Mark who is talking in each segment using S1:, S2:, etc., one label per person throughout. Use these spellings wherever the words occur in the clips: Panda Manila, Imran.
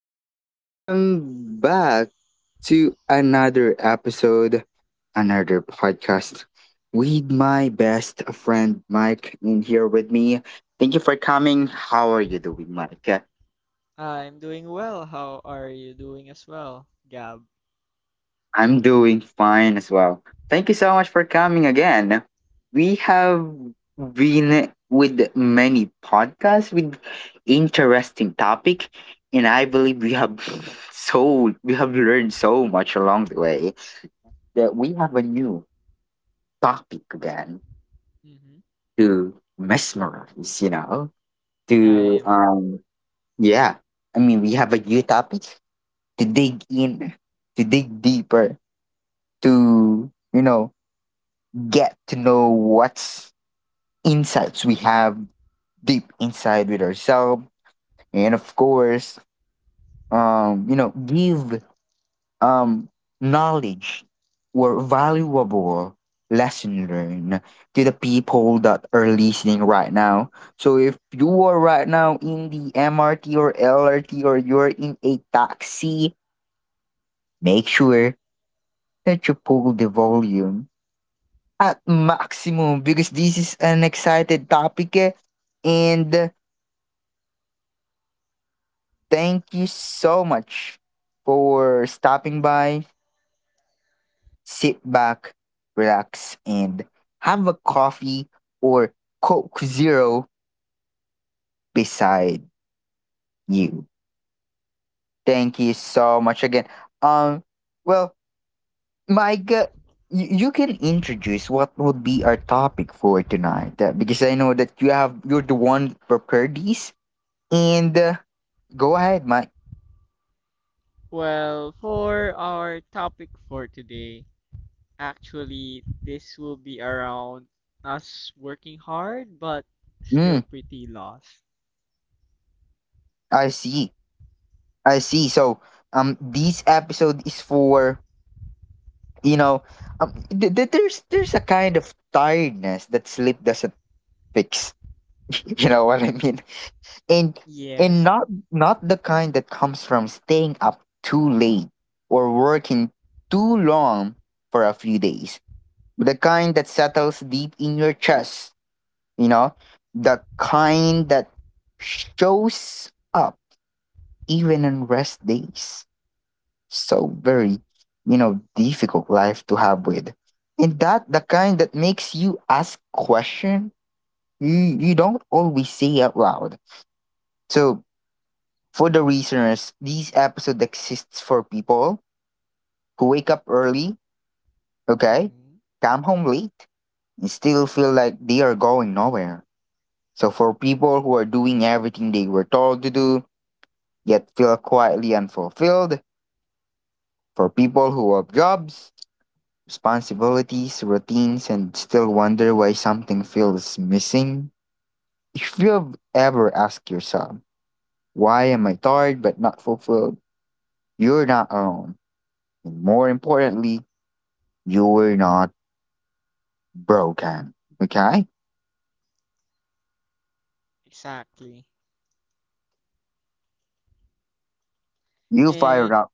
S1: Welcome back to another episode, another podcast with my best friend Mike in here with me. Thank you for coming. How are you doing, Mike?
S2: I'm doing well. How are you doing as well, Gab?
S1: I'm doing fine as well. Thank you so much for coming again. We have been with many podcasts with interesting topic and I believe we have so we have learned so much along the way. That we have a new topic again
S2: Mm-hmm.
S1: to mesmerize, you know, to
S2: I'm
S1: yeah. I mean we have a new topic to dig in, to dig deeper, to you know, get to know what's insights we have deep inside with ourselves and of course you know give um, knowledge or valuable lesson learned to the people that are listening right now. So if you are right now in the MRT or LRT or you're in a taxi, make sure that you pull the volume at maximum because this is an excited topic eh, and thank you so much for stopping by sit back, relax, and have a coffee or Coke Zero beside you. Thank you so much again. Um, well, Mike, you can introduce what would be our topic for tonight because I know that you're the one prepared these. And go ahead, Mike.
S2: for our topic for today, this will be around us working hard but
S1: Mm,
S2: still pretty lost.
S1: I see. I see. So, this episode is for you know, um, there's a kind of tiredness that sleep doesn't fix. You know what I mean? And and
S2: Yes.
S1: not not the kind that comes from staying up too late or working too long for a few days. But The kind that settles deep in your chest. You know, the kind that shows up even on rest days. So very, you know, difficult life to have with. And that the kind that makes you ask question you don't always say out loud. So for the listeners, this episode exists for people who wake up early, okay,
S2: Mm-hmm.
S1: come home late, and still feel like they are going nowhere. So for people who are doing everything they were told to do, yet feel quietly unfulfilled, for people who have jobs responsibilities, routines, and still wonder why something feels missing? If you've ever asked yourself, why am I tired but not fulfilled? You're not alone. And more importantly, you're not broken. Okay?
S2: Exactly.
S1: You fired
S2: And
S1: up.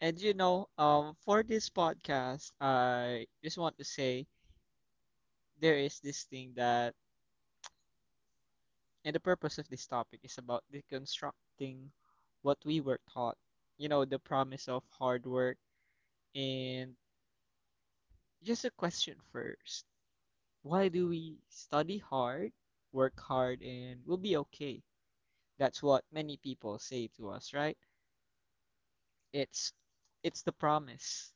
S2: and you know, for this podcast, I just want to say there is this thing that And the purpose of this topic is about deconstructing what we were taught, you know, the promise of hard work. And just a question first, why do we study hard, work hard, and we'll be okay? That's what many people say to us, right? It's it's the promise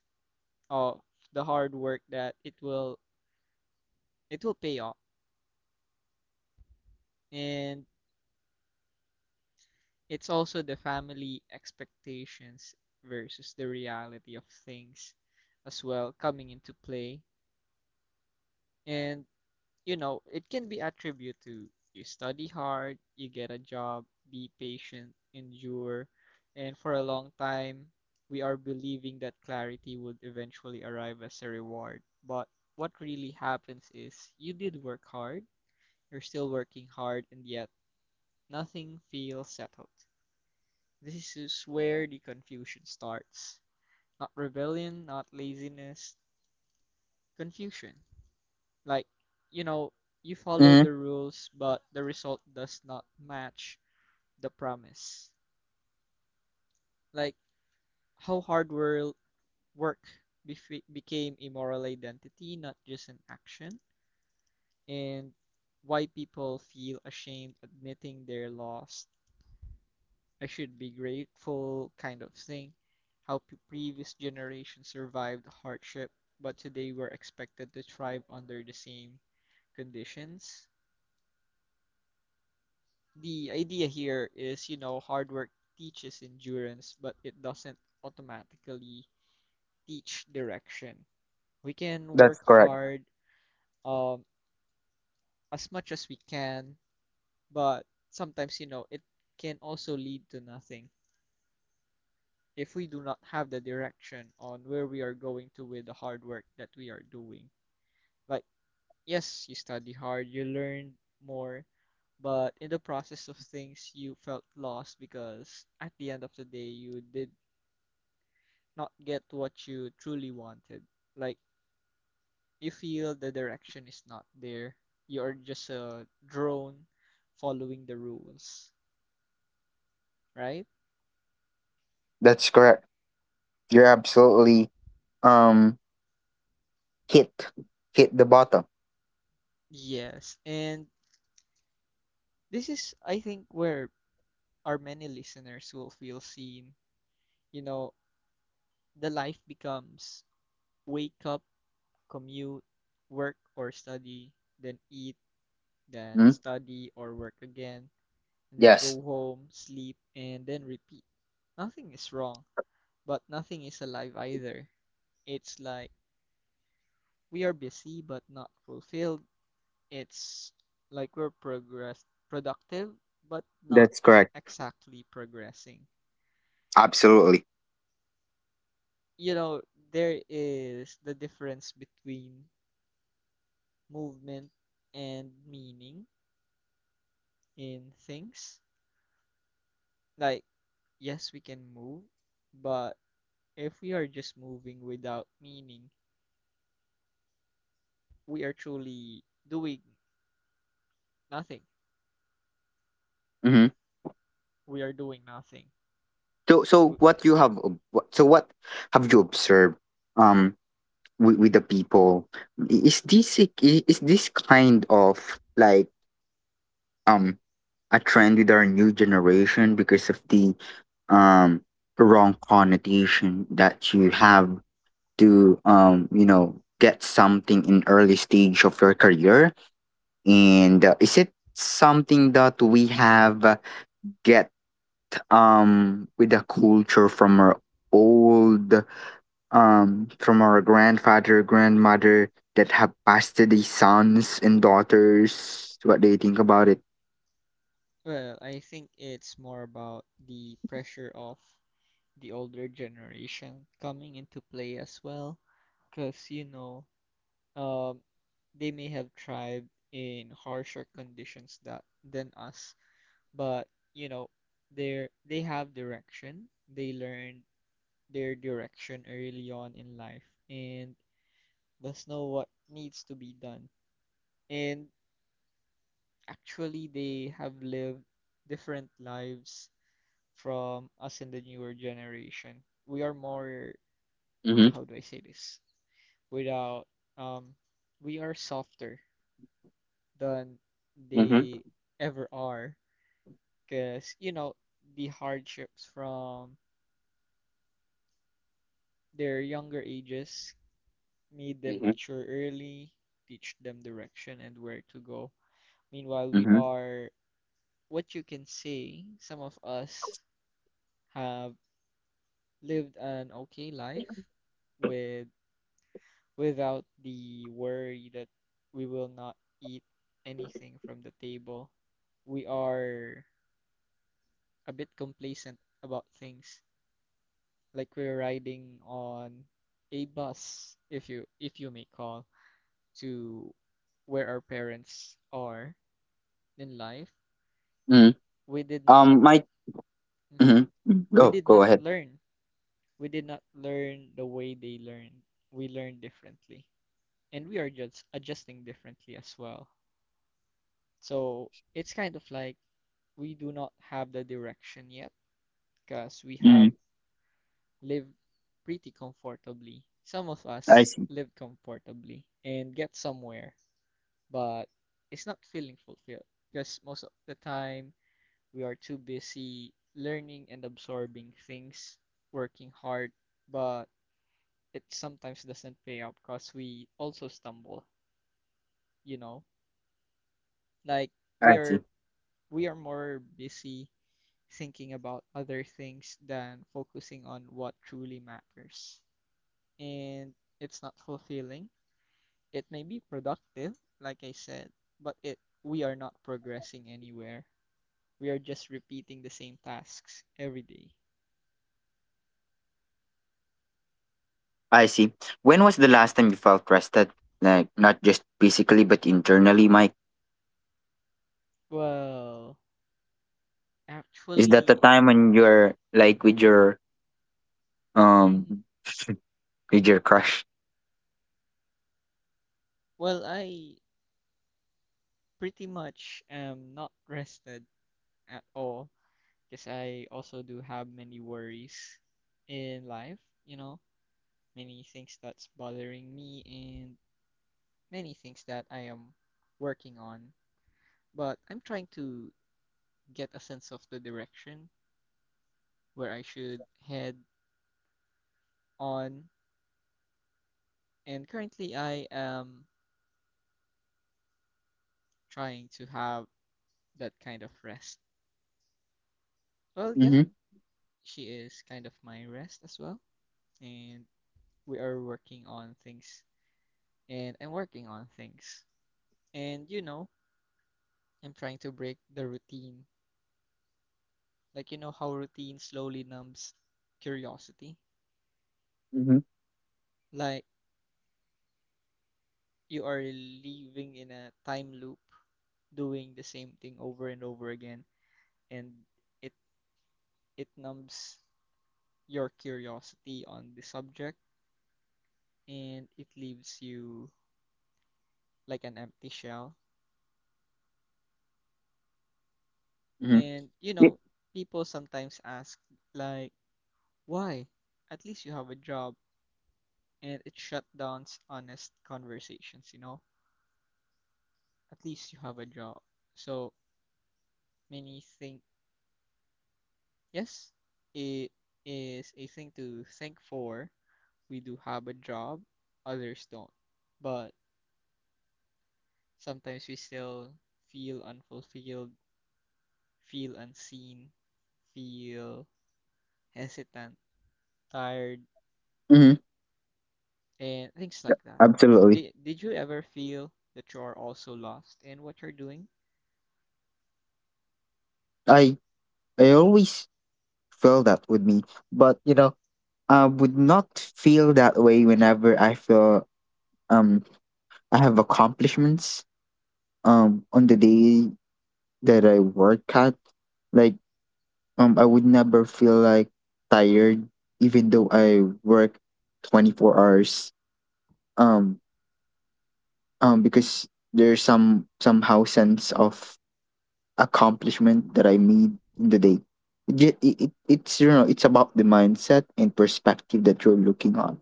S2: of the hard work that it will pay off. And it's also the family expectations versus the reality of things as well coming into play. And, you know, it can be attributed to, you study hard, you get a job, be patient, endure. And for a long time, we are believing that clarity would eventually arrive as a reward. But what really happens is you did work hard, you're still working hard, and yet nothing feels settled. This is where the confusion starts. Not rebellion, not laziness, confusion. Like, you know, you follow
S1: Mhm,
S2: the rules, but the result does not match the promise. Like, how hard work befe became a moral identity, not just an action, and why people feel ashamed admitting their loss, I should be grateful kind of thing. How previous generations survived hardship, but today we're expected to thrive under the same conditions. The idea here is, you know, hard work teaches endurance, but it doesn't automatically teach direction. We can work
S1: that's correct.
S2: hard, um, as much as we can, but sometimes, you know, it can also lead to nothing, if we do not have the direction on where we are going to with the hard work that we are doing. Like, yes, you study hard, you learn more, but in the process of things, you felt lost because at the end of the day, you did not get what you truly wanted. Like, you feel the direction is not there. You are just a drone following the rules, right?
S1: That's correct. You're absolutely um hit hit the bottom.
S2: Yes, and this is, I think, where our many listeners will feel seen, you know. The life becomes wake up, commute, work or study, then eat, then
S1: Mm?
S2: study or work again, and then
S1: Yes,
S2: go home, sleep, and then repeat. Nothing is wrong, but nothing is alive either. It's like we are busy but not fulfilled. It's like we're progress productive but not
S1: that's correct.
S2: exactly progressing.
S1: Absolutely.
S2: You know, there is the difference between movement and meaning in things. Like, yes, we can move, but if we are just moving without meaning, we are truly doing nothing.
S1: Mhm.
S2: We are doing nothing.
S1: So
S2: W-
S1: what you have, what have you observed, um, with the people? Is this kind of like um a trend with our new generation because of the um wrong connotation that you have to you know get something in early stage of your career and is it something that we have get with the culture from our old from our grandfather, grandmother that have passed to the sons and daughters, what they think about it.
S2: Well, I think it's more about the pressure of the older generation coming into play as well, because you know, um, they may have thrived in harsher conditions that than us, but you know, they have direction. They learned their direction early on in life and thus know what needs to be done. And actually, they have lived different lives from us in the newer generation. We are more,
S1: Mm-hmm.
S2: how do I say this? Without, um, we are softer than
S1: Mm-hmm.
S2: they ever are because, you know, the hardships from their younger ages made them
S1: Mm-hmm.
S2: mature early, teach them direction and where to go. Meanwhile, we
S1: Mm-hmm.
S2: are, what you can say, some of us have lived an okay life with without the worry that we will not eat anything from the table. We are a bit complacent about things, like we're riding on a bus, if you may call, to where our parents are in life.
S1: Mm.
S2: We did not
S1: My
S2: mhm,
S1: mm-hmm.
S2: we
S1: go
S2: did
S1: go
S2: not
S1: ahead.
S2: learn We did not learn the way they learned. We learned differently. And we are just adjusting differently as well. So it's kind of like we do not have the direction yet because we
S1: Mm,
S2: have lived pretty comfortably. Some of
S1: I
S2: us
S1: see.
S2: live comfortably and get somewhere, but it's not feeling fulfilled because most of the time we are too busy learning and absorbing things, working hard, but it sometimes doesn't pay off because we also stumble, you know? Like we
S1: I see.
S2: are we are more busy thinking about other things than focusing on what truly matters. And it's not fulfilling. It may be productive, like I said, but it we are not progressing anywhere. We are just repeating the same tasks every day.
S1: I see. When was the last time you felt rested? Like not just physically but internally, Mike.
S2: Well,
S1: Is that the
S2: actually,
S1: time when you're like with your um
S2: mhm.
S1: with your crush?
S2: Well, I pretty much am not rested at all because I also do have many worries in life, you know, many things that's bothering me and many things that I am working on. But I'm trying to get a sense of the direction where I should head on, and currently I am trying to have that kind of rest. Well,
S1: Mm-hmm.
S2: yeah, she is kind of my rest as well, and we are working on things, and I'm working on things. And you know, I'm trying to break the routine. Like, you know how routine slowly numbs curiosity?
S1: Mm-hmm.
S2: Like, you are living in a time loop, doing the same thing over and over again, and it it numbs your curiosity on the subject, and it leaves you like an empty shell. And, you
S1: Mm-hmm.
S2: know, people sometimes ask, like, why? At least you have a job, and it shut down honest conversations, you know? At least you have a job. So many think, yes, it is a thing to think for. We do have a job, others don't. But sometimes we still feel unfulfilled, feel unseen, feel hesitant, tired,
S1: Mm-hmm.
S2: and things like that.
S1: Absolutely.
S2: Did you ever feel that you are also lost in what you're doing?
S1: I I always feel that with me. But you know, I would not feel that way whenever I feel um I have accomplishments on the day that I work at. Like I would never feel like tired even though I work 24 hours. Um because there's somehow sense of accomplishment that I made in the day. It's you know it's about the mindset and perspective that you're looking on.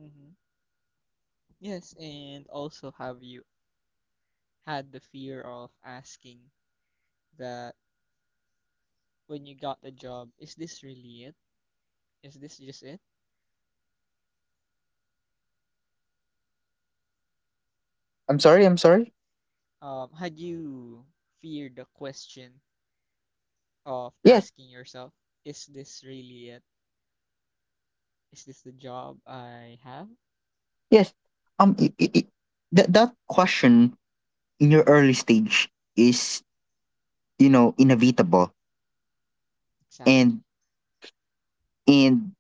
S2: Hmm. Yes, and also have you had the fear of asking that when you got the job, is this really it? Is this just it?
S1: I'm sorry. I'm sorry.
S2: Had you feared the question of
S1: Yes.
S2: asking yourself, is this really it? Is this the job I have?
S1: Yes. Um, that that question in your early stage is you know inevitable, and
S2: Exactly.
S1: and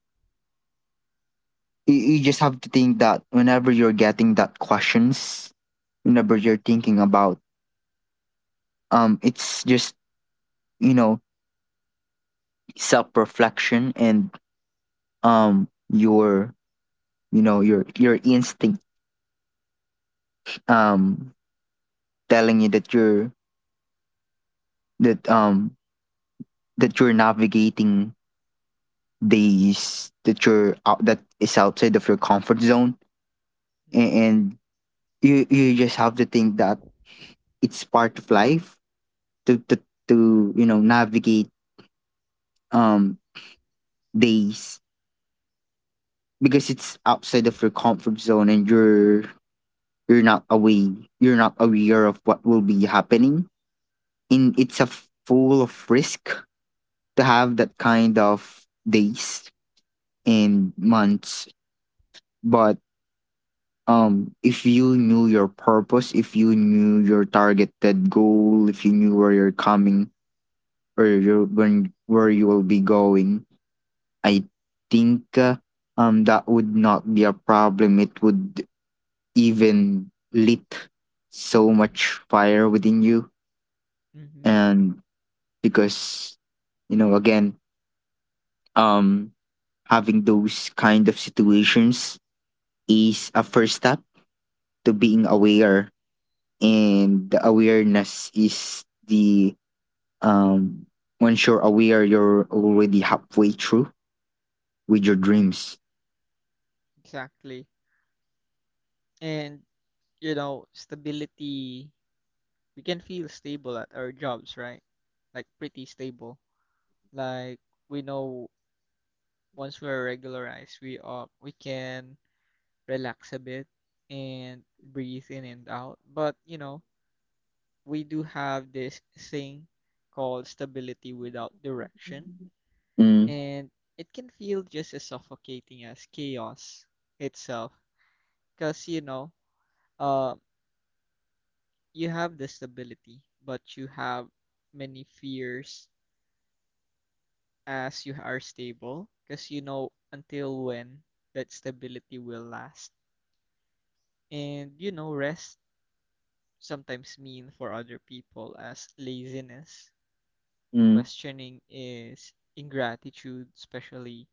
S1: you just have to think that whenever you're getting that questions, whenever you're thinking about it's just you know self reflection and your you know your instinct um telling you that you're that that you're navigating days that you're out that is outside of your comfort zone
S2: Mm-hmm.
S1: and you just have to think that it's part of life to to, to you know navigate um days because it's outside of your comfort zone and you're not away you're not aware of what will be happening and it's a full of risk to have that kind of days and months but if you knew your purpose if you knew your targeted goal if you knew where you're coming or you when where you will be going I think that would not be a problem it would even lit so much fire within you
S2: Mm-hmm.
S1: and because you know again um having those kind of situations is a first step to being aware and the awareness is the um once you're aware you're already halfway through with your dreams.
S2: Exactly. And, you know, stability, we can feel stable at our jobs, right? Like pretty stable. Like we know once we're regularized, we can relax a bit and breathe in and out. But, you know, we do have this thing called stability without direction,
S1: Mm,
S2: and it can feel just as suffocating as chaos itself because, you know, uh, you have the stability, but you have many fears as you are stable because you know until when that stability will last. And you know, rest sometimes mean for other people as laziness.
S1: mm,
S2: Questioning is ingratitude, especially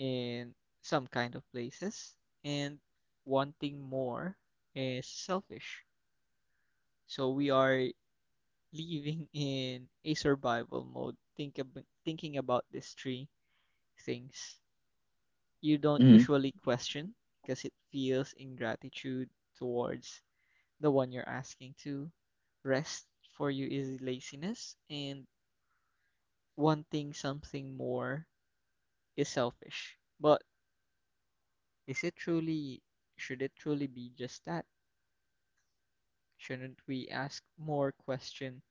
S2: in some kind of places. And wanting more is selfish. So we are living in a survival mode. Thinking about these three things. You don't
S1: mm,
S2: usually question because it feels ingratitude towards the one you're asking to. Rest for you is laziness, and wanting something more is selfish. But is it truly, should it truly be just that? Shouldn't we ask more question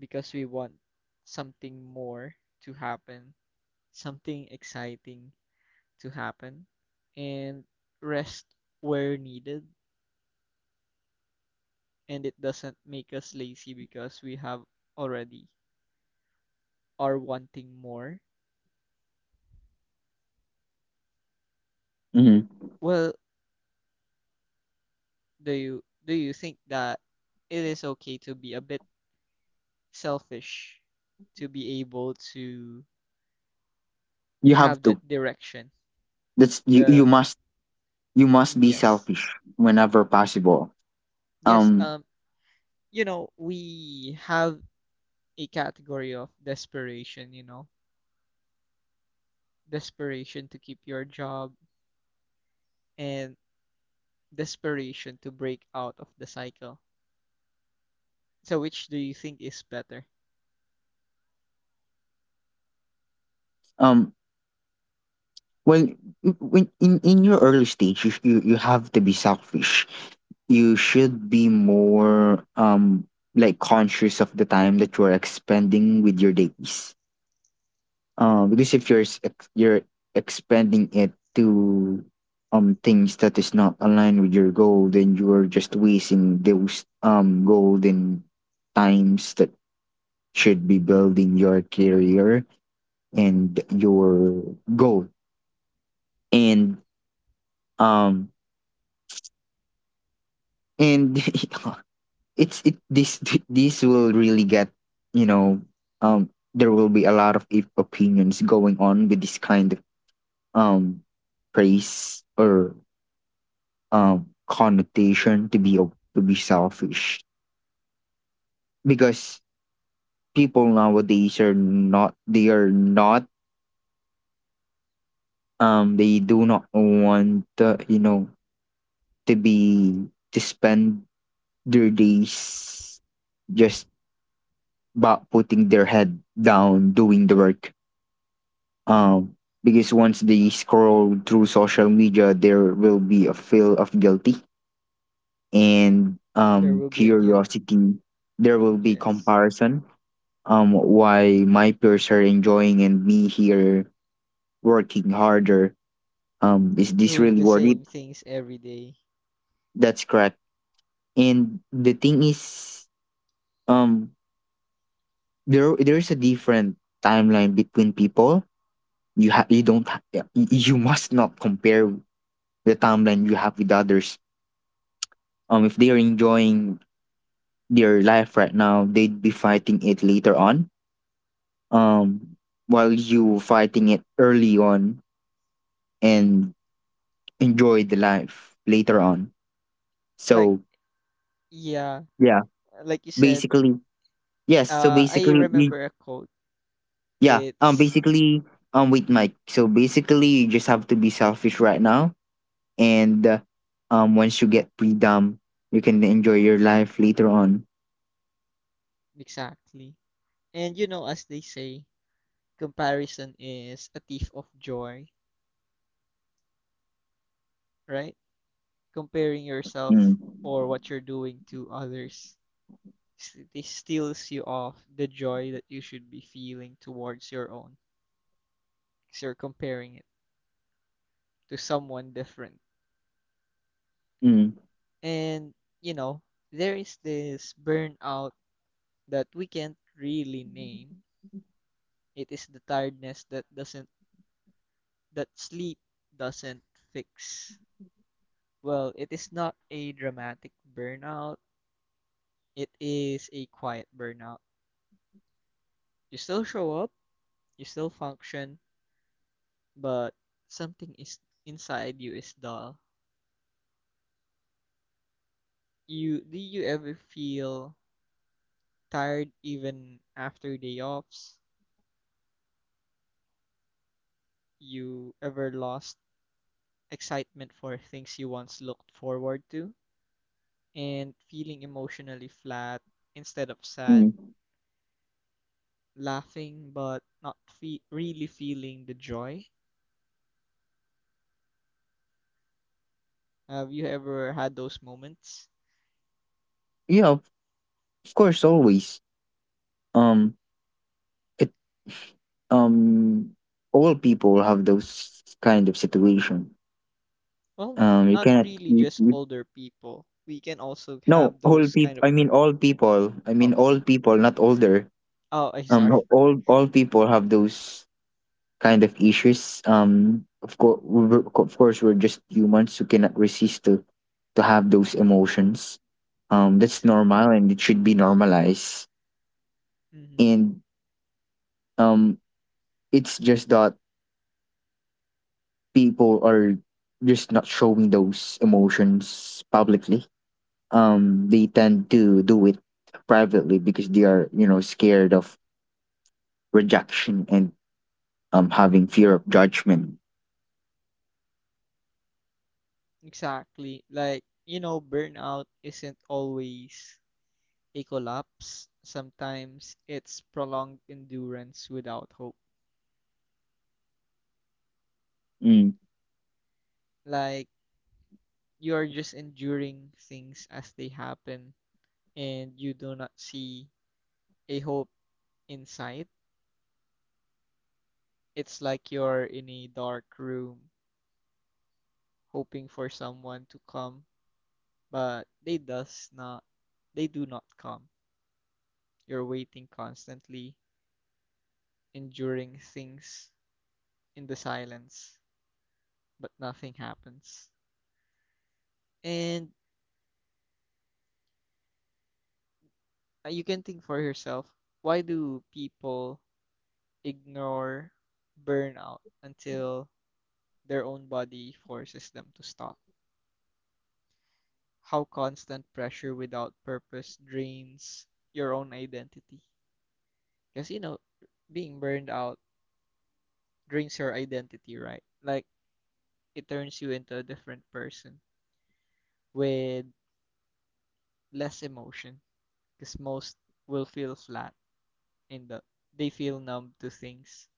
S2: because we want something more to happen, something exciting to happen, and rest where needed, and it doesn't make us lazy because we have already are wanting more?
S1: mm.
S2: Well, do you think that it is okay to be a bit selfish to be able to
S1: you have
S2: have
S1: to
S2: that direction.
S1: that's you, you
S2: The
S1: must You must be
S2: Yes,
S1: selfish whenever possible.
S2: yes.
S1: um
S2: You know, we have a category of desperation. You know, desperation to keep your job and desperation to break out of the cycle. So, which do you think is better?
S1: um well when in your early stage you you have to be selfish you should be more like conscious of the time that you're expending with your days. Because if you're expanding it to things that is not aligned with your goal, then you are just wasting those golden times that should be building your career and your goal. And um and it's it this this will really get you know um there will be a lot of if opinions going on with this kind of um praise or connotation to be selfish because people nowadays are not they do not want you know to be to spend their days just about putting their head down doing the work
S2: Mm-hmm.
S1: um because once they scroll through social media there will be a feel of guilty and
S2: There will be a guilt.
S1: curiosity there will be
S2: Yes,
S1: comparison why my peers are enjoying and me here working harder is this
S2: doing
S1: really
S2: the
S1: worth it.
S2: same things every day.
S1: That's correct and the thing is um there there's a different timeline between people you have you don't ha- yeah, you must not compare the timeline you have with others if they are enjoying their life right now they'd be fighting it later on um while you fighting it early on and enjoy the life later on.
S2: Like
S1: So
S2: yeah,
S1: yeah,
S2: like you said.
S1: basically yes. So
S2: I
S1: basically, we,
S2: remember a quote.
S1: yeah.
S2: It's
S1: Basically, wait,
S2: Mhm,
S1: Mike. So basically, you just have to be selfish right now, and once you get freedom, you can enjoy your life later on.
S2: exactly. And you know, as they say, comparison is a thief of joy, right? Comparing
S1: Mm,
S2: yourself or what you're doing to others, it steals you off the joy that you should be feeling towards your own, because you're comparing it to someone different.
S1: mm,
S2: And, you know, there is this burnout that we can't really name. It is the tiredness that doesn't, that sleep doesn't fix. Well, it is not a dramatic burnout. It is a quiet burnout. You still show up, you still function, but something is inside you is dull. You do you ever feel tired even after day offs? You ever lost excitement for things you once looked forward to? And feeling emotionally flat instead of sad,
S1: mm.
S2: laughing but not really feeling the joy? Have you ever had those moments?
S1: Yeah, of course, always. Um, it um, all people have those kind of situation.
S2: Well, not
S1: You
S2: not
S1: cannot.
S2: really just older people. We can also
S1: No,
S2: have
S1: all
S2: those kind
S1: people.
S2: of
S1: I
S2: burn.
S1: mean, all people. I
S2: Oh,
S1: mean, all people, not older
S2: oh, I'm sorry.
S1: all people have those kind of issues of course we're just humans who cannot resist to have those emotions that's normal and it should be normalized
S2: Mm-hmm.
S1: and um it's just that people are just not showing those emotions publicly they tend to do it privately because they are you know scared of rejection and having fear of judgment.
S2: Exactly. Like, you know, burnout isn't always a collapse. Sometimes it's prolonged endurance without hope.
S1: Mm.
S2: Like, you are just enduring things as they happen and you do not see a hope in sight. It's like you're in a dark room hoping for someone to come, but they do not come. You're waiting constantly, enduring things in the silence, but nothing happens. And you can think for yourself, why do people ignore burnout until their own body forces them to stop? How constant pressure without purpose drains your own identity. Because you know, being burned out drinks your identity, right? Like it turns you into a different person with less emotion because most will feel flat in the they feel numb to things.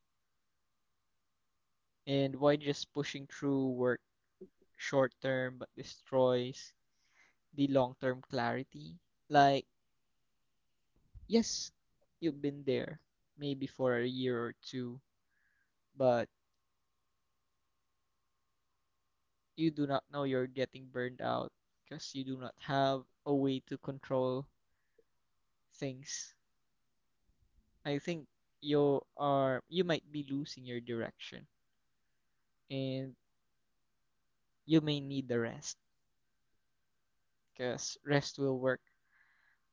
S2: And why just pushing through work short term but destroys the long term clarity? Like, yes, you've been there maybe for a year or two, but you do not know you're getting burned out because you do not have a way to control things. I think you might be losing your direction, and you may need the rest because rest will work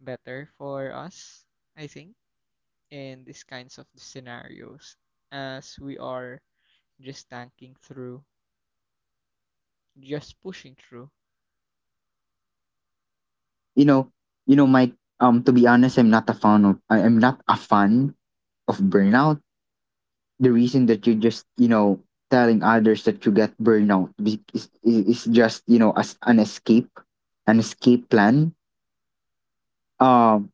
S2: better for us, I think, in these kinds of scenarios as we are just tanking through, just pushing through.
S1: You know, Mike, to be honest, I am not a fan of burnout. The reason
S2: Mm-hmm.
S1: that you're just, you know, telling others that you get burnout is just, you know, as an escape plan. Um,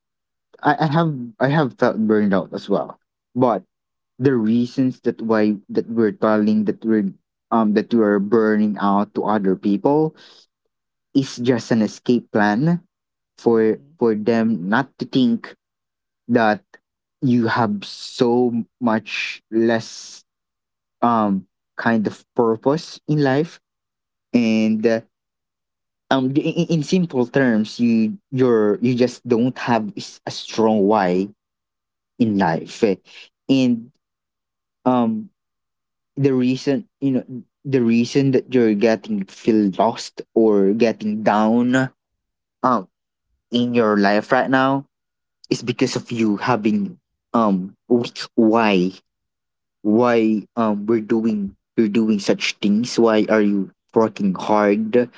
S1: I, I have I have felt burnout as well. But the reasons that why that we're telling that we're that we are burning out to other people is just an escape plan
S2: Mm-hmm.
S1: for them not to think that you have so much less um kind of purpose in life and in simple terms you just don't have s- a strong why in life eh. and um the reason you know the reason that you're getting feel lost or getting down um in your life right now is because of you having weak why we're doing you're doing such things why are you working hard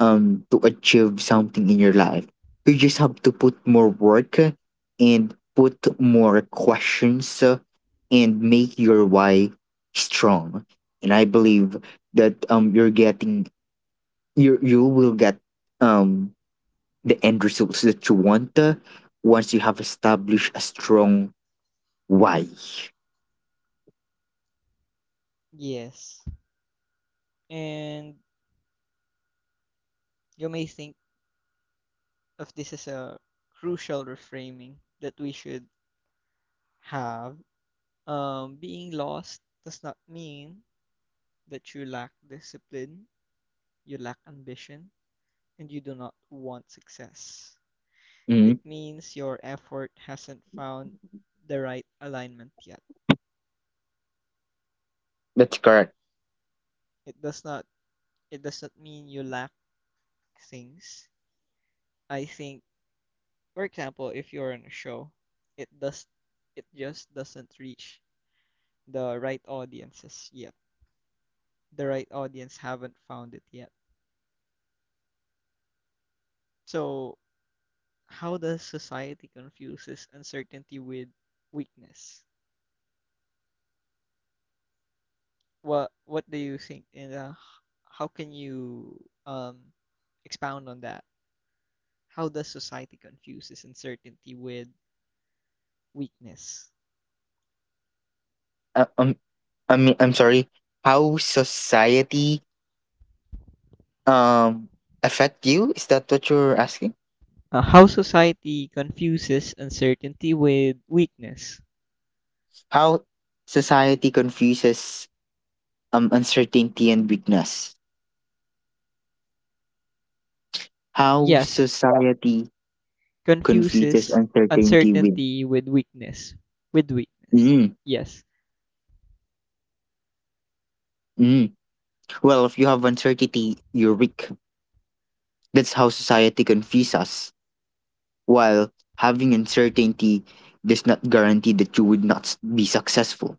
S1: to achieve something in your life you just have to put more work and put more questions and make your why strong and I believe that you're getting you you will get um the end results that you want once you have established a strong why.
S2: Yes. And you may think of this as a crucial reframing that we should have. Being lost does not mean that you lack discipline, you lack ambition, and you do not want success. It
S1: Mhm,
S2: means your effort hasn't found the right alignment yet.
S1: that's correct.
S2: It does not it does not mean you lack things. I think for example, if you're on a show, it does it just doesn't reach the right audiences yet. The right audience haven't found it yet. So how does society confuses uncertainty with weakness? What do you think, and how can you um expound on that? How does society confuses uncertainty with weakness?
S1: Uh, um, I mean, I'm sorry. How society um affect you? Is that what you're asking?
S2: How society confuses uncertainty with weakness?
S1: How society confuses uncertainty and weakness? How
S2: Yes,
S1: society confuses
S2: confuses
S1: uncertainty with
S2: uncertainty with weakness. With weakness.
S1: mm,
S2: Yes.
S1: mm. Well, if you have uncertainty, you're weak. That's how society confuses us. While having uncertainty does not guarantee that you would not be successful.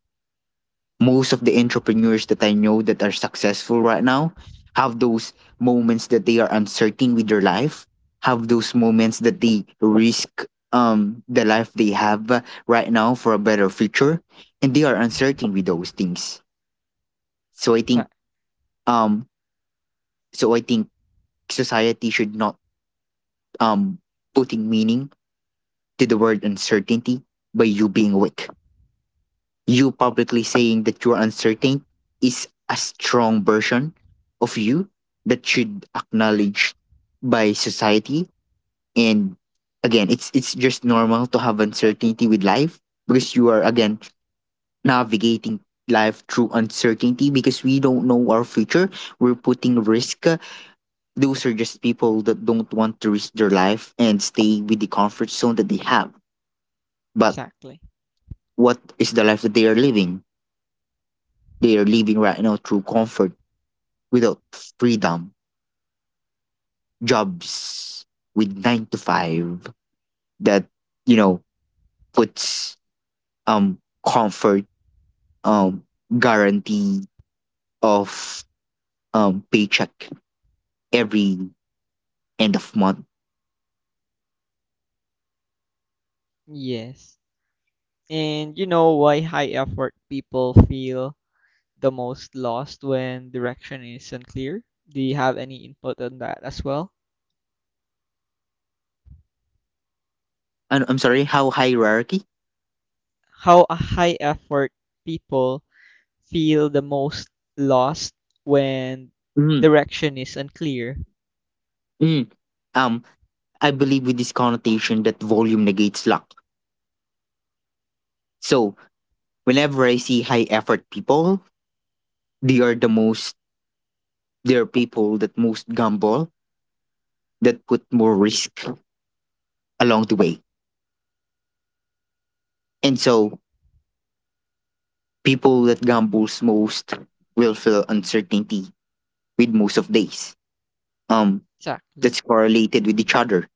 S1: Most of the entrepreneurs that I know that are successful right now have those moments that they are uncertain with their life, have those moments that they risk the life they have right now for a better future, and they are
S2: Mm-hmm.
S1: uncertain with those things. So I think um so I think society should not um putting meaning to the word uncertainty by you being weak. You publicly saying that you are uncertain is a strong version of you that should acknowledged by society. And again, it's just normal to have uncertainty with life because you are, again, navigating life through uncertainty because we don't know our future. We're putting risk. Those are just people that don't want to risk their life and stay with the comfort zone that they have. But
S2: Exactly.
S1: what is the life that they are living? They are living right now through comfort without freedom, jobs with 9 to 5 that you know puts um comfort, um guarantee of paycheck every end of month.
S2: Yes. And you know why high effort people feel the most lost when direction isn't clear? Do you have any input on that as well?
S1: And I'm sorry, how hierarchy?
S2: How a high effort people feel the most lost when
S1: Mm,
S2: direction is unclear.
S1: mm. Um, I believe with this connotation that volume negates luck. So whenever I see high effort people, they are the most they are people that most gamble, that put more risk along the way. And so people that gambles most will feel uncertainty with most of days. Um,
S2: Exactly.
S1: that's correlated with each other.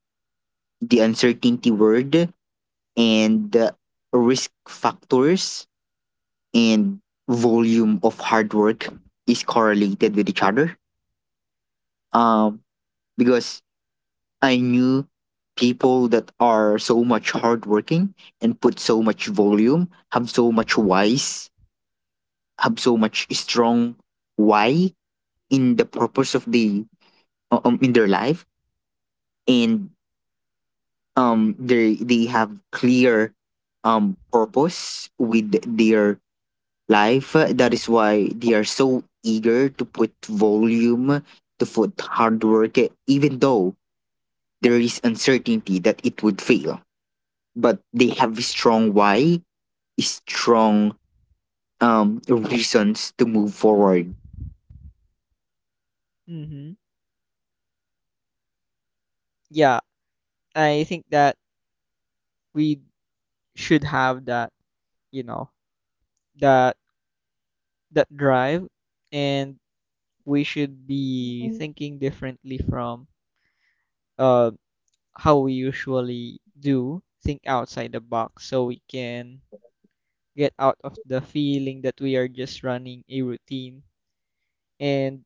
S1: The uncertainty word and the risk factors and volume of hard work is correlated with each other. Um, because I knew people that are so much hardworking and put so much volume, have so much wise, have so much strong why in the purpose of the in their life, and they have clear purpose with their life. That is why they are so eager to put volume, to put hard work, even though there is uncertainty that it would fail, but they have a strong why, strong reasons to move forward.
S2: Mm-hmm. Yeah, I think that we should have that, you know, that that drive, and we should be thinking differently from uh, how we usually do. Think outside the box so we can get out of the feeling that we are just running a routine. And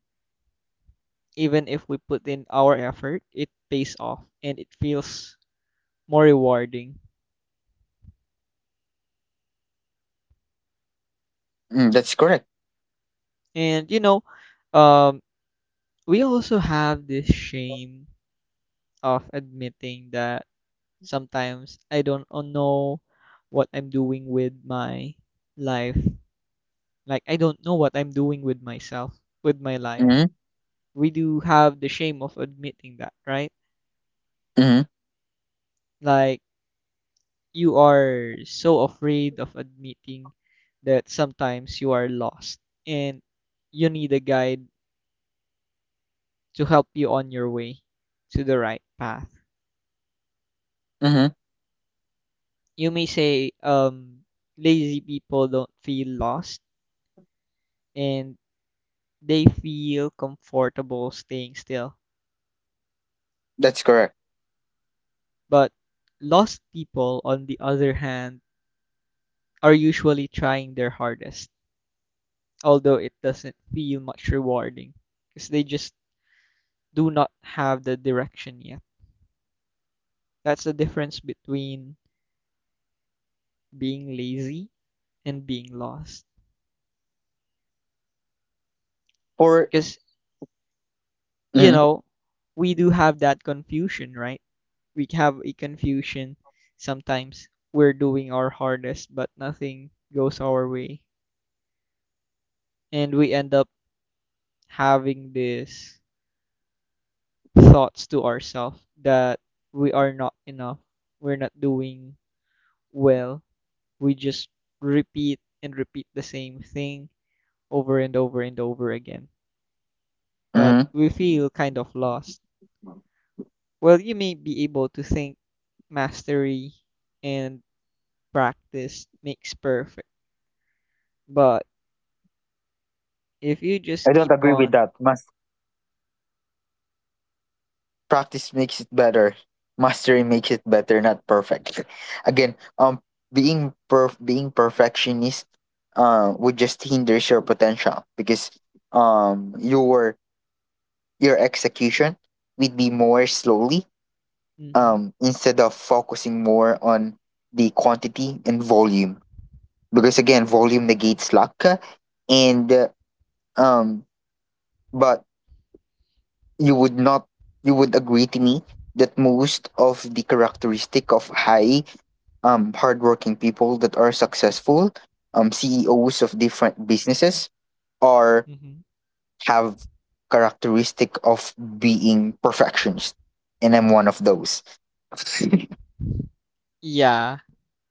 S2: even if we put in our effort, it pays off and it feels more rewarding.
S1: Mm, that's correct.
S2: And you know, um, we also have this shame of admitting that sometimes I don't know what I'm doing with my life. Like, I don't know what I'm doing with myself, with my life.
S1: Mm-hmm.
S2: We do have the shame of admitting that, right?
S1: Mm-hmm.
S2: Like, you are so afraid of admitting that sometimes you are lost and you need a guide to help you on your way to the right path.
S1: Mm-hmm.
S2: You may say lazy people don't feel lost and they feel comfortable staying still.
S1: That's correct.
S2: But lost people, on the other hand, are usually trying their hardest, although it doesn't feel much rewarding because they just do not have the direction yet. That's the difference between being lazy and being lost.
S1: For
S2: Because, you
S1: mm-hmm.
S2: know, we do have that confusion, right? We have a confusion. Sometimes we're doing our hardest, but nothing goes our way. And we end up having these thoughts to ourselves that we are not enough, we're not doing well. We just repeat and repeat the same thing over and over and over again, but
S1: Mm-hmm.
S2: we feel kind of lost. Well, you may be able to think mastery and practice makes perfect, but if you just
S1: I don't
S2: keep
S1: agree with
S2: on,
S1: that. Mas Practice makes it better. Mastery makes it better, not perfect. Again, being perfectionist would just hinders your potential because um your your execution would be more slowly,
S2: hmm
S1: instead of focusing more on the quantity and volume, because again volume negates luck, and um but you would not you would agree to me that most of the characteristic of high hardworking people that are successful, CEOs of different businesses, are
S2: hmm
S1: have characteristic of being perfectionist, and I'm one of those.
S2: yeah,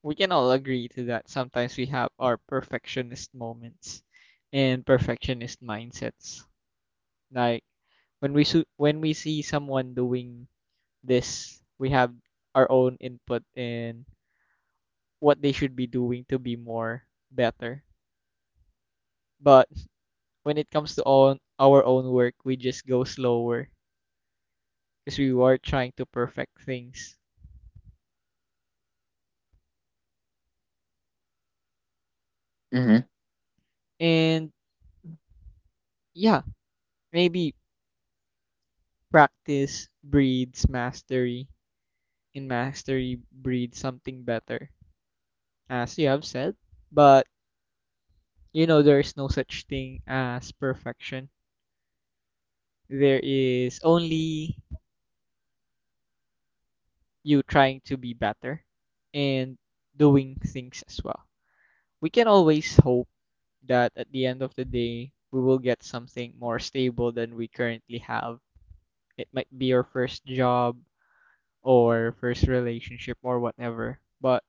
S2: we can all agree to that. Sometimes we have our perfectionist moments and perfectionist mindsets. Like when we see someone doing this, we have our own input in what they should be doing to be more better. But when it comes to own, our own work, we just go slower because we were trying to perfect things.
S1: Hmm.
S2: And yeah, maybe practice breeds mastery, and mastery breeds something better, as you have said. But you know, there is no such thing as perfection. There is only you trying to be better and doing things as well. We can always hope that at the end of the day, we will get something more stable than we currently have. It might be your first job or first relationship or whatever, but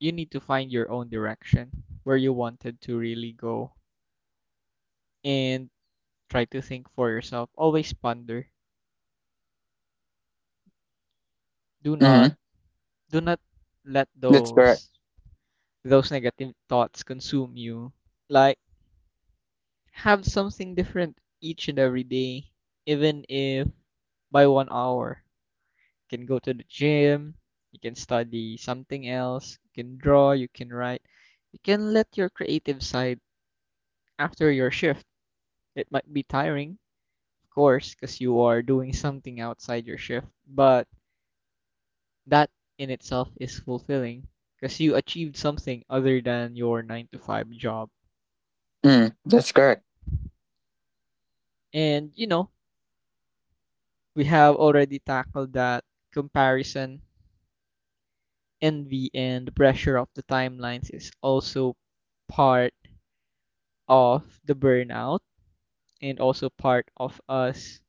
S2: you need to find your own direction where you wanted to really go and try to think for yourself. Always ponder. Do not
S1: Hmm.
S2: do not let
S1: That's correct.
S2: those negative thoughts consume you. Like have something different each and every day, even if by 1 hour. You can go to the gym, you can study something else, you can draw, you can write. You can let your creative side after your shift. It might be tiring, of course, because you are doing something outside your shift, but that in itself is fulfilling because you achieved something other than your 9 to 5 job.
S1: Mm, that's correct.
S2: And you know, we have already tackled that comparison, envy, and the pressure of the timelines is also part of the burnout and also part of us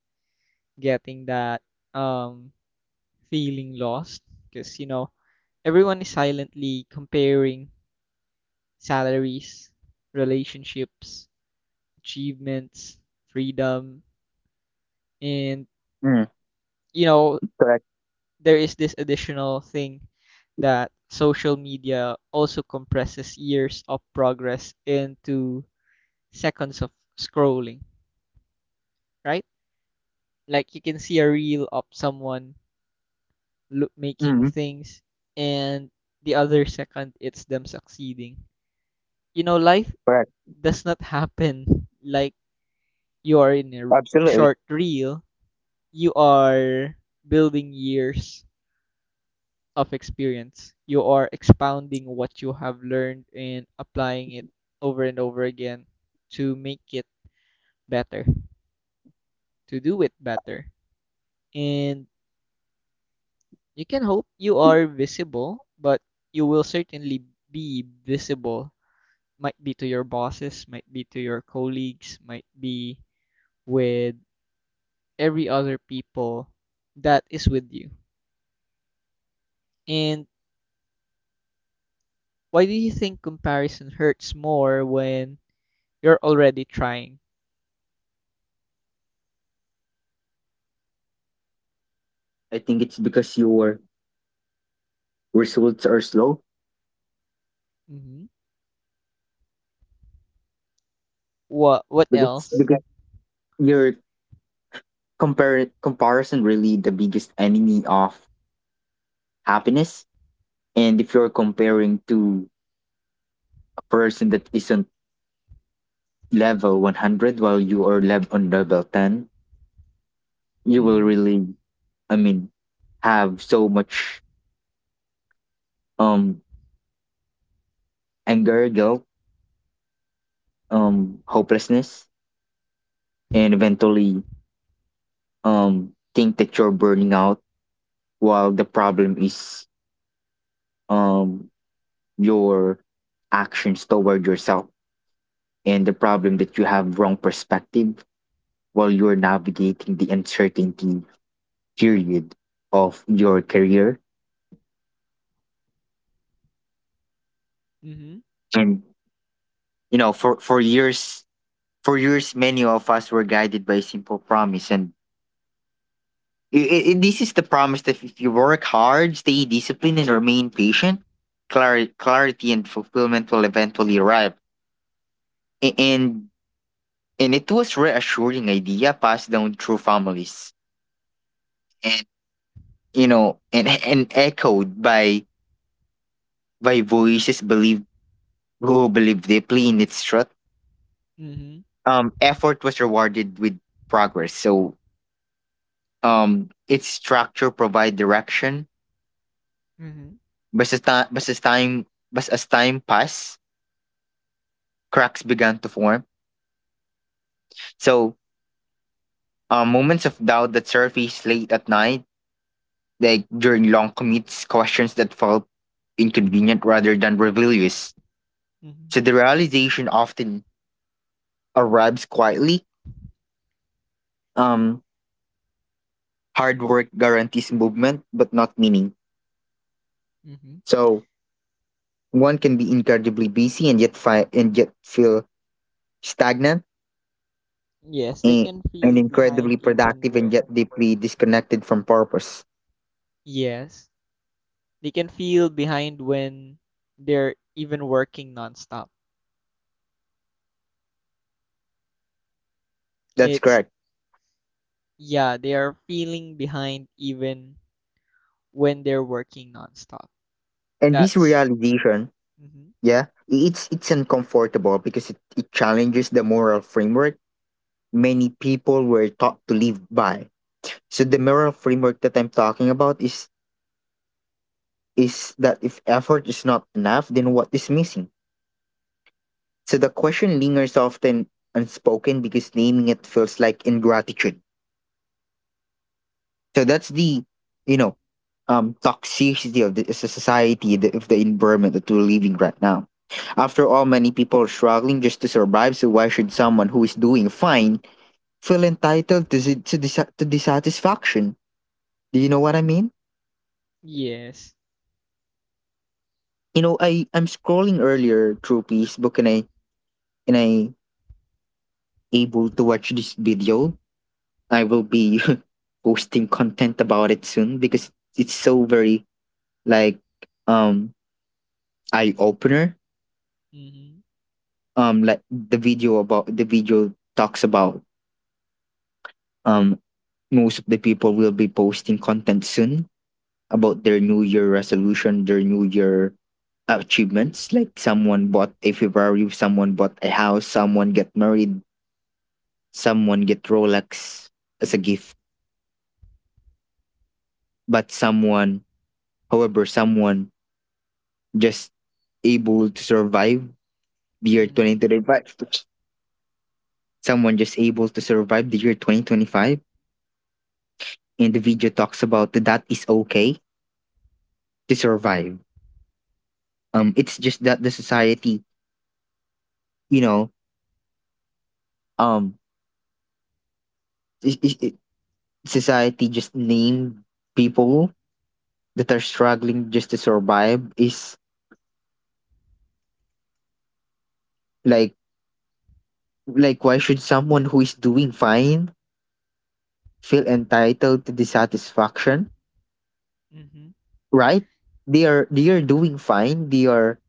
S2: getting that um feeling lost, because you know everyone is silently comparing salaries, relationships, achievements, freedom, and
S1: Mm,
S2: you know
S1: correct.
S2: there is this additional thing that social media also compresses years of progress into seconds of scrolling, right? Like you can see a reel of someone making
S1: Mm,
S2: things and the other second it's them succeeding. You know life
S1: correct.
S2: does not happen like you are in a
S1: Absolutely.
S2: short reel. You are building years of experience, you are expounding what you have learned and applying it over and over again to make it better, to do it better. And you can hope you are visible, but you will certainly be visible, might be to your bosses, might be to your colleagues, might be with every other people that is with you. And why do you think comparison hurts more when you're already trying?
S1: I think it's because your results are slow.
S2: Mm-hmm. What
S1: Because
S2: else?
S1: because your compare comparison really the biggest enemy of happiness, and if you're comparing to a person that isn't level 100 while you are on level 10, you will
S2: Mm-hmm.
S1: really, I mean, have so much um anger, guilt, hopelessness, and eventually think that you're burning out, while the problem is um your actions toward yourself and the problem that you have wrong perspective while you're navigating the uncertainty period of your career.
S2: Mm-hmm.
S1: And you know, for years, for years, many of us were guided by a simple promise, and I this is the promise that if you work hard, stay disciplined, and remain patient, clarity and fulfillment will eventually arrive. A- And and it was reassuring idea passed down through families, and and and echoed by voices believed who believe deeply in its truth.
S2: Mm-hmm.
S1: Effort was rewarded with progress. So its structure provide direction,
S2: Mm-hmm.
S1: but as, ti- but as time passed, cracks began to form. So moments of doubt that surfaced late at night, like during long commutes, questions that felt inconvenient rather than rebellious.
S2: Mm-hmm.
S1: So the realization often arrives quietly. Um, hard work guarantees movement, but not meaning.
S2: Mm-hmm.
S1: So one can be incredibly busy and yet and yet feel stagnant,
S2: Yes, they
S1: and,
S2: can
S1: and
S2: feel behind
S1: incredibly
S2: even
S1: productive and
S2: when
S1: yet deeply disconnected from purpose.
S2: yes, they can feel behind when they're even working nonstop.
S1: That's
S2: It's
S1: correct.
S2: yeah, they are feeling behind even when they're working nonstop.
S1: And this
S2: That's
S1: realization,
S2: hmm
S1: yeah, it's uncomfortable because it challenges the moral framework many people were taught to live by. So the moral framework that I'm talking about is that if effort is not enough, then what is missing? So the question lingers often unspoken because naming it feels like ingratitude. So that's the, you know, toxicity of the society, of the environment that we're living right now. After all, many people are struggling just to survive. So why should someone who is doing fine feel entitled to si- to disa- to dissatisfaction? Do you know what I mean?
S2: yes.
S1: You know, I'm scrolling earlier through Facebook, and I able to watch this video. I will be posting content about it soon because it's so very, like, um eye opener,
S2: Mm-hmm.
S1: like the video talks about, um most of the people will be posting content soon about their new year resolution, their new year achievements, like someone bought a ferrari, someone bought a house, someone get married, someone get rolex as a gift, but someone, however, someone just able to survive the year
S2: Mm-hmm.
S1: 2025. Someone just able to survive the year 2025, and the video talks about that is okay to survive. It's just that the society, you know, um, I- society just named people that are struggling just to survive is like, like why should someone who is doing fine feel entitled to dissatisfaction?
S2: Mm-hmm.
S1: Right? They are, they are doing fine. They are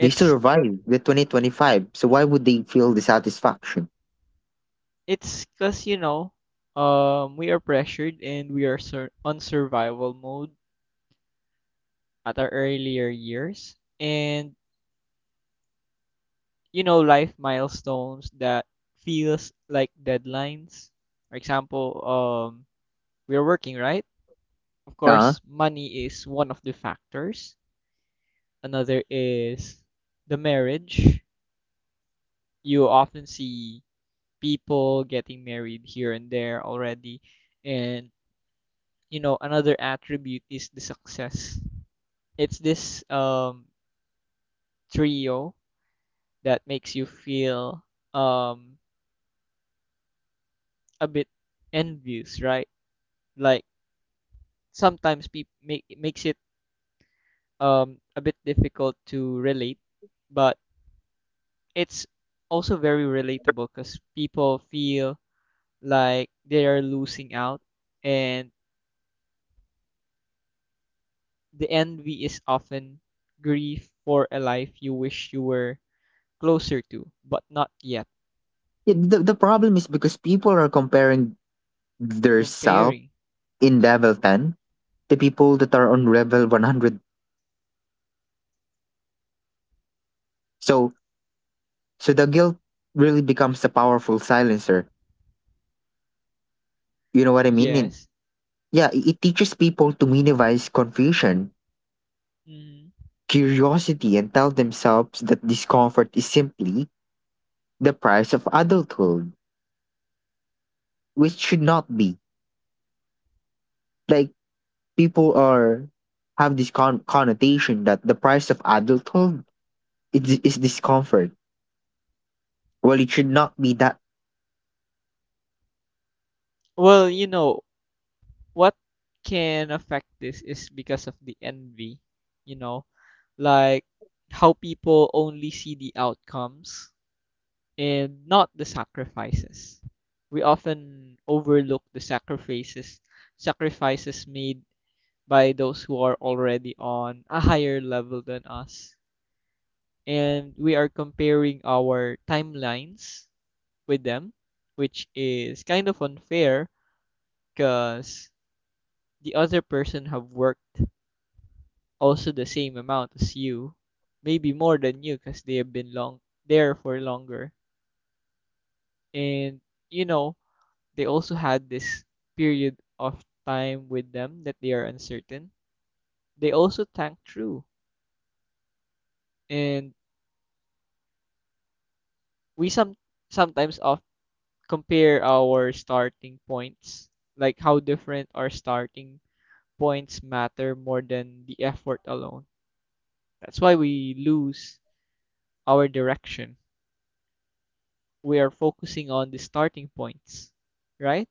S1: they survived the 2025. So why would they feel dissatisfaction?
S2: it's cause you know, we are pressured and we are survival mode at our earlier years, and you know, life milestones that feels like deadlines. For example, we are working, right? Of
S1: Uh
S2: course, money is one of the factors. Another is the marriage. You often see people getting married here and there already. And, you know, another attribute is the success. It's this trio that makes you feel um, a bit envious, right? Like sometimes people make makes it a bit difficult to relate, but it's also very relatable because people feel like they are losing out, and the envy is often grief for a life you wish you were closer to, but not yet.
S1: Yeah, the problem is because people are comparing their self
S2: Comparing.
S1: in level 10 the people that are on level 100. So, so the guilt really becomes a powerful silencer. You know what I mean? And
S2: Yes.
S1: yeah, it teaches people to minimize confusion,
S2: Mhm.
S1: curiosity, and tell themselves that discomfort is simply the price of adulthood, which should not be. Like, people are have this connotation that the price of adulthood is discomfort. Well, it should not be that.
S2: Well, you know, what can affect this is because of the envy, you know, like how people only see the outcomes and not the sacrifices. We often overlook the sacrifices sacrifices made by those who are already on a higher level than us. And we are comparing our timelines with them, which is kind of unfair because the other person have worked also the same amount as you, maybe more than you because they have been long there for longer. And you know, they also had this period of time with them that they are uncertain. They also tank through. And we some sometimes of compare our starting points, like how different our starting points matter more than the effort alone. That's why we lose our direction. We are focusing on the starting points, right?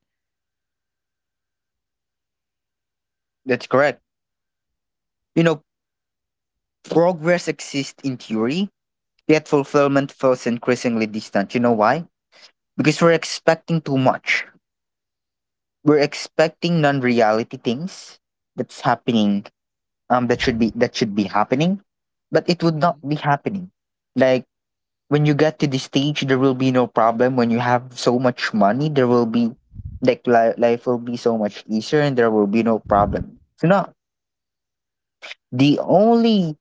S1: That's correct. You know, progress exists in theory, yet fulfillment feels increasingly distant. You know why? Because we're expecting too much. We're expecting non-reality things that's happening. That should be happening, but it would
S2: Mm-hmm.
S1: not be happening. Like, when you get to this stage, there will be no problem. When you have so much money, there will be, like, life will be so much easier, and there will be no problem. So now the only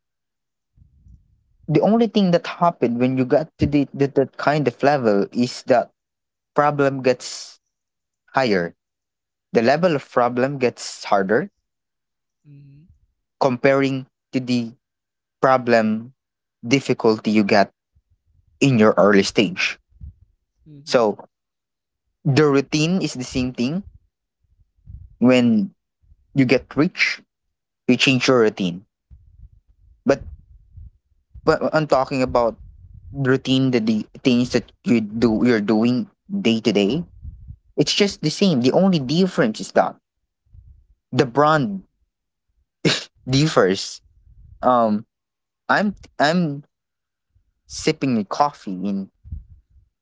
S1: the only thing that happened when you got to the that kind of level is that problem gets higher, the level of problem gets harder
S2: Mm-hmm.
S1: comparing to the problem difficulty you got in your early stage.
S2: Mm-hmm.
S1: So the routine is the same thing. When you get rich, you change your routine. But I'm talking about routine, the things that you do, you're doing day to day. It's just the same. The only difference is that the brand differs. Um, I'm sipping a coffee in,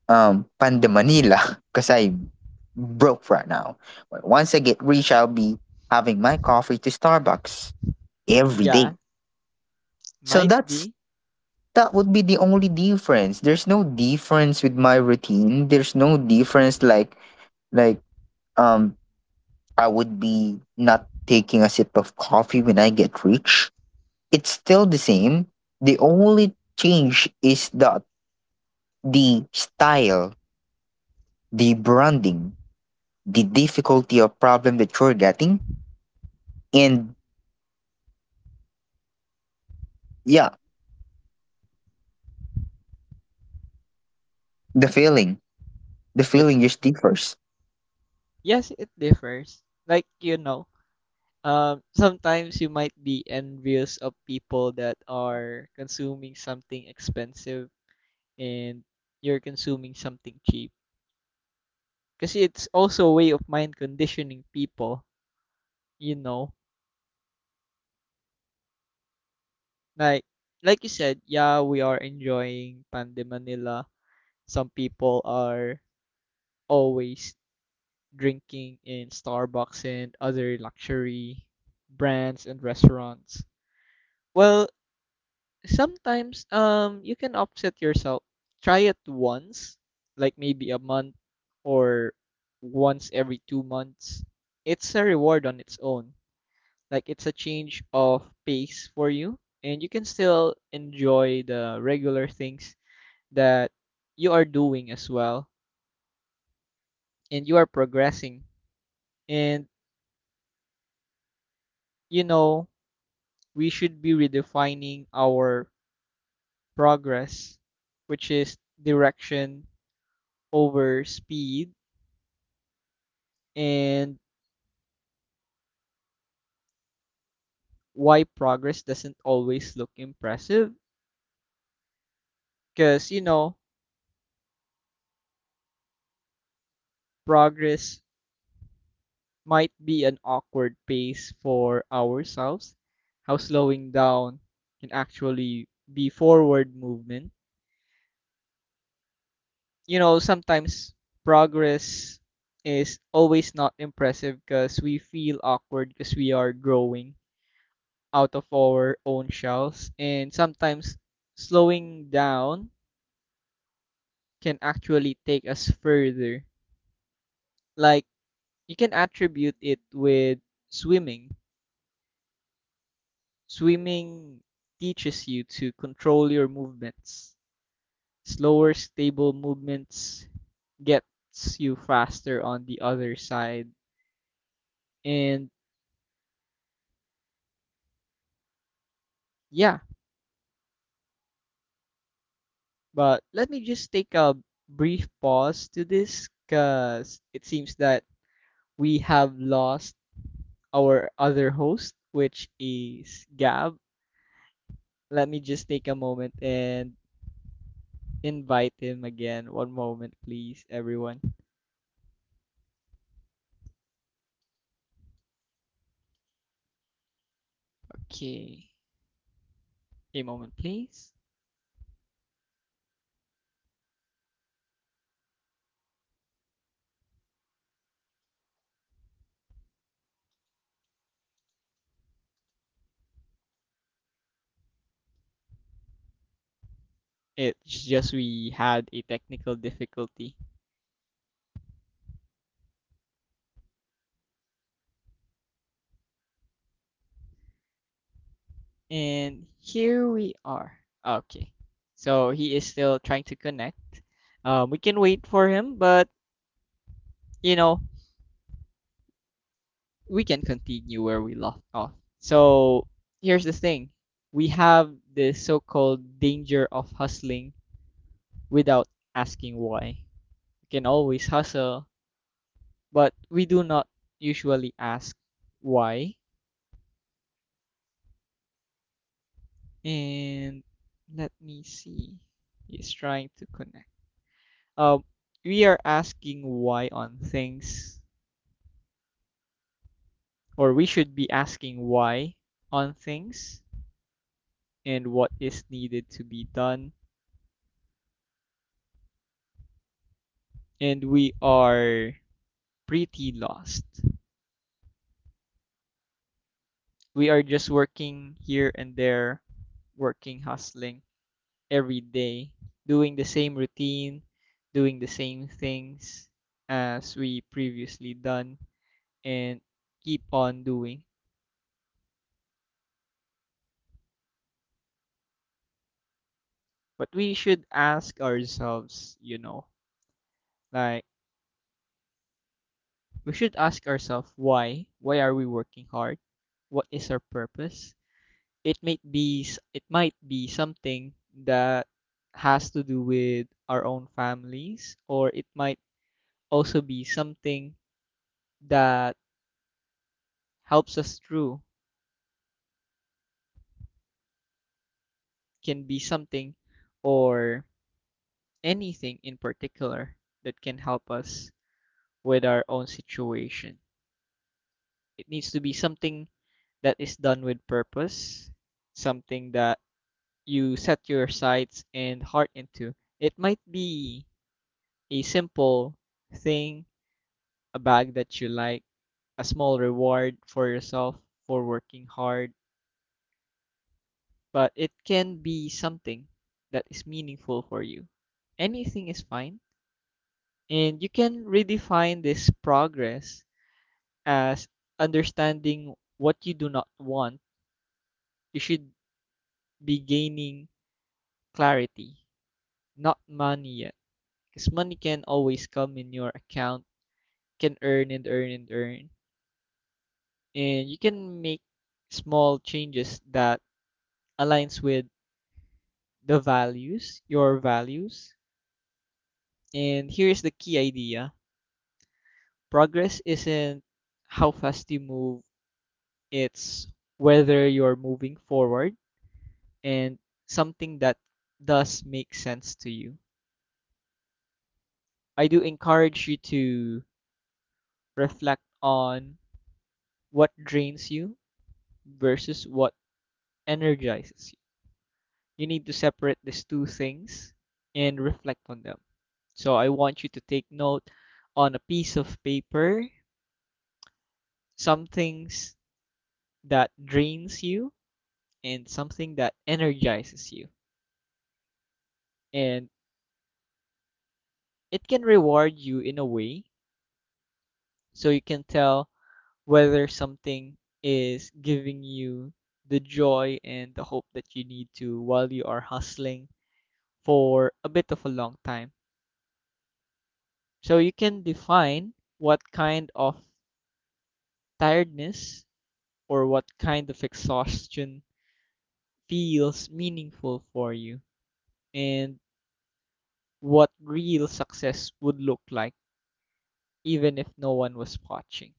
S1: Panda Manila, because I'm broke right now. But once I get rich, I'll be having my coffee to Starbucks every day.
S2: Yeah,
S1: So
S2: might
S1: that's,
S2: be.
S1: that would be the only difference. There's no difference with my routine. There's no difference, like um I would be not taking a sip of coffee when I get rich. It's still the same. The only change is that the style, the branding, the difficulty or problem that you're getting, and, yeah, the feeling the
S2: It's
S1: feeling just differs.
S2: yes, it differs. Like you know, sometimes you might be envious of people that are consuming something expensive and you're consuming something cheap. Kasi it's also a way of mind conditioning people, you know. Like like you said, yeah, we are enjoying Pande Manila. Some people are always drinking in Starbucks and other luxury brands and restaurants. Well, sometimes you can upset yourself. Try it once, like maybe a month or once every 2 months. It's a reward on its own. Like it's a change of pace for you, and you can still enjoy the regular things that you are doing as well, and you are progressing. And you know, we should be redefining our progress, which is direction over speed, and why progress doesn't always look impressive. Because, you know, progress might be an awkward pace for ourselves, how slowing down can actually be forward movement. You know, sometimes progress is always not impressive because we feel awkward because we are growing out of our own shells, and sometimes slowing down can actually take us further. Like, you can attribute it with swimming. Swimming teaches you to control your movements. Slower, stable movements gets you faster on the other side. And yeah, but let me just take a brief pause to this because it seems that we have lost our other host, which is Gab. Let me just take a moment and invite him again. One moment, please, everyone. Okay, a moment, please. It's just we had a technical difficulty. And here we are. Okay. So he is still trying to connect. We can wait for him, but you know, we can continue where we left off. So here's the thing, we have the so called danger of hustling without asking why. You can always hustle, but we do not usually ask why. And let me see. He's trying to connect. Um, we are asking why on things, or we should be asking why on things and what is needed to be done. And we are pretty lost. We are just working here and there, working, hustling, every day, doing the same routine, doing the same things as we previously done and keep on doing. But we should ask ourselves, like we should ask ourselves why. Why are we working hard? What is our purpose? It might be it might be something that has to do with our own families, or it might also be something that helps us through, can be something or anything in particular that can help us with our own situation. It needs to be something that is done with purpose, something that you set your sights and heart into. It might be a simple thing, a bag that you like, a small reward for yourself for working hard, but it can be something that is meaningful for you. Anything is fine. And you can redefine this progress as understanding what you do not want. You should be gaining clarity, not money yet. Because money can always come in your account, can earn and earn and earn. And you can make small changes that aligns with the values, your values. And here's the key idea. Progress isn't how fast you move, it's whether you're moving forward and something that does make sense to you. I do encourage you to reflect on what drains you versus what energizes you. You need to separate these two things and reflect on them. So I want you to take note on a piece of paper some things that drains you and something that energizes you. And it can reward you in a way, so you can tell whether something is giving you the joy and the hope that you need to while you are hustling for a bit of a long time. So you can define what kind of tiredness or what kind of exhaustion feels meaningful for you, and what real success would look like even if no one was watching.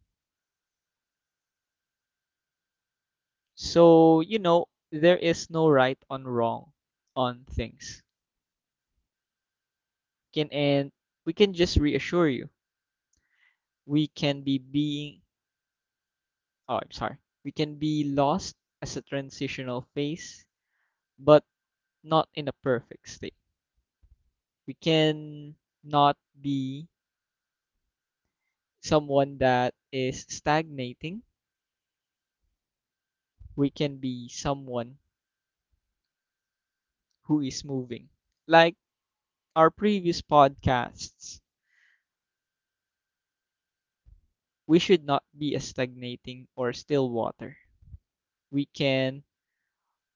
S2: So, there is no right or wrong on things. Can and We can just reassure you. We can be being Oh, I'm sorry, we can be lost as a transitional phase, but not in a perfect state. We can not be someone that is stagnating. We can be someone who is moving, like our previous podcasts. We should not be a stagnating or still water. We can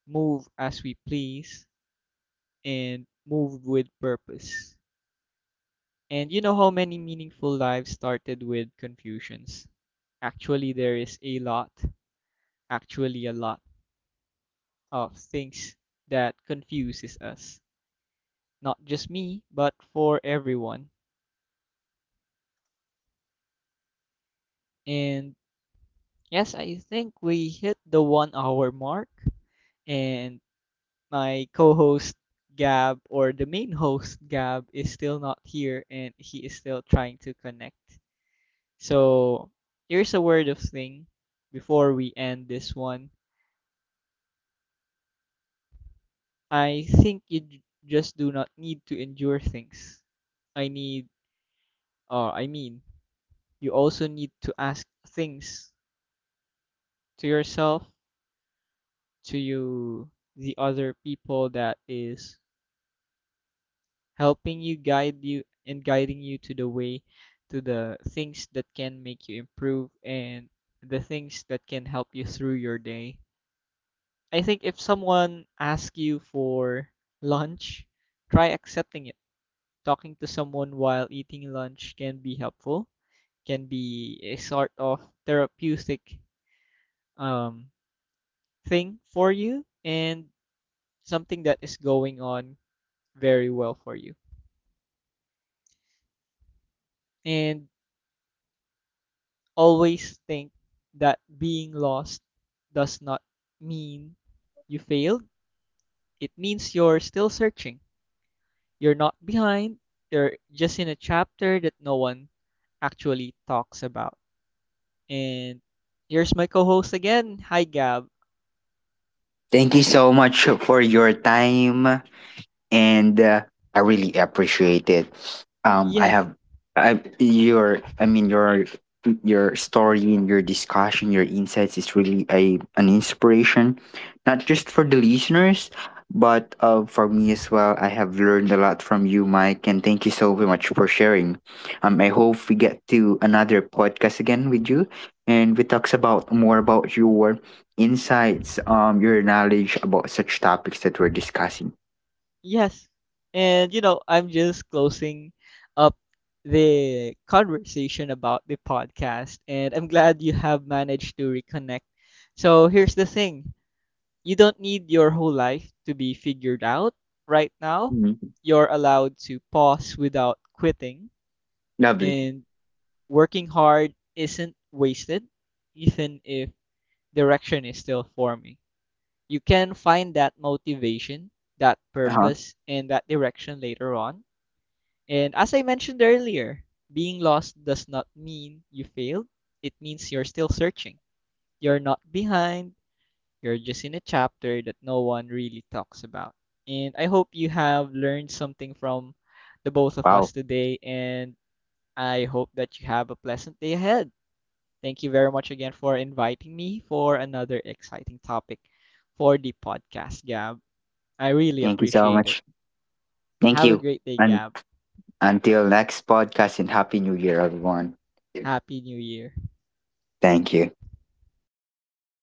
S2: move as we please and move with purpose. And you know how many meaningful lives started with confusions? Actually, there is a lot, actually, a lot of things that confuses us. Not just me, but for everyone. And yes, I think we hit the 1 hour mark. And my co host Gab, or the main host Gab, is still not here, and he is still trying to connect. So, here's a word of thing before we end this one, I think you just do not need to endure things. I need, I mean, you also need to ask things to yourself, to you, the other people that is helping you, guide you, and guiding you to the way, to the things that can make you improve and the things that can help you through your day. I think if someone asks you for lunch, try accepting it. Talking to someone while eating lunch can be helpful, can be a sort of therapeutic um, thing for you, and something that is going on very well for you. And always think that being lost does not mean you failed, it means you're still searching. You're not behind, you're just in a chapter that no one actually talks about. And here's my co host again. Hi, Gab.
S1: Thank you so much for your time, and I really appreciate it. Um, I
S2: Yes,
S1: have, I mean your story and your discussion, your insights is really a an inspiration, not just for the listeners, but for me as well. I have learned a lot from you, Mike, and thank you so very much for sharing. I hope we get to another podcast again with you, and we talks about more about your insights, your knowledge about such topics that we're discussing.
S2: yes. And I'm just closing up the conversation about the podcast, and I'm glad you have managed to reconnect. So here's the thing. You don't need your whole life to be figured out right now.
S1: Mm-hmm.
S2: You're allowed to pause without quitting,
S1: Lovely.
S2: and working hard isn't wasted, even if direction is still forming. You can find that motivation, that
S1: Uh-huh.
S2: purpose, and that direction later on. And as I mentioned earlier, being lost does not mean you failed, it means you're still searching. You're not behind, you're just in a chapter that no one really talks about. And I hope you have learned something from the both of us
S1: Wow.
S2: today, and I hope that you have a pleasant day ahead. Thank you very much again for inviting me for another exciting topic for the podcast, Gab. I really
S1: Thank you so
S2: appreciate it.
S1: much. Thank
S2: Have a
S1: you.
S2: great day,
S1: And
S2: Gab.
S1: until next podcast, and happy new year everyone.
S2: Happy New Year.
S1: Thank you.
S2: Stay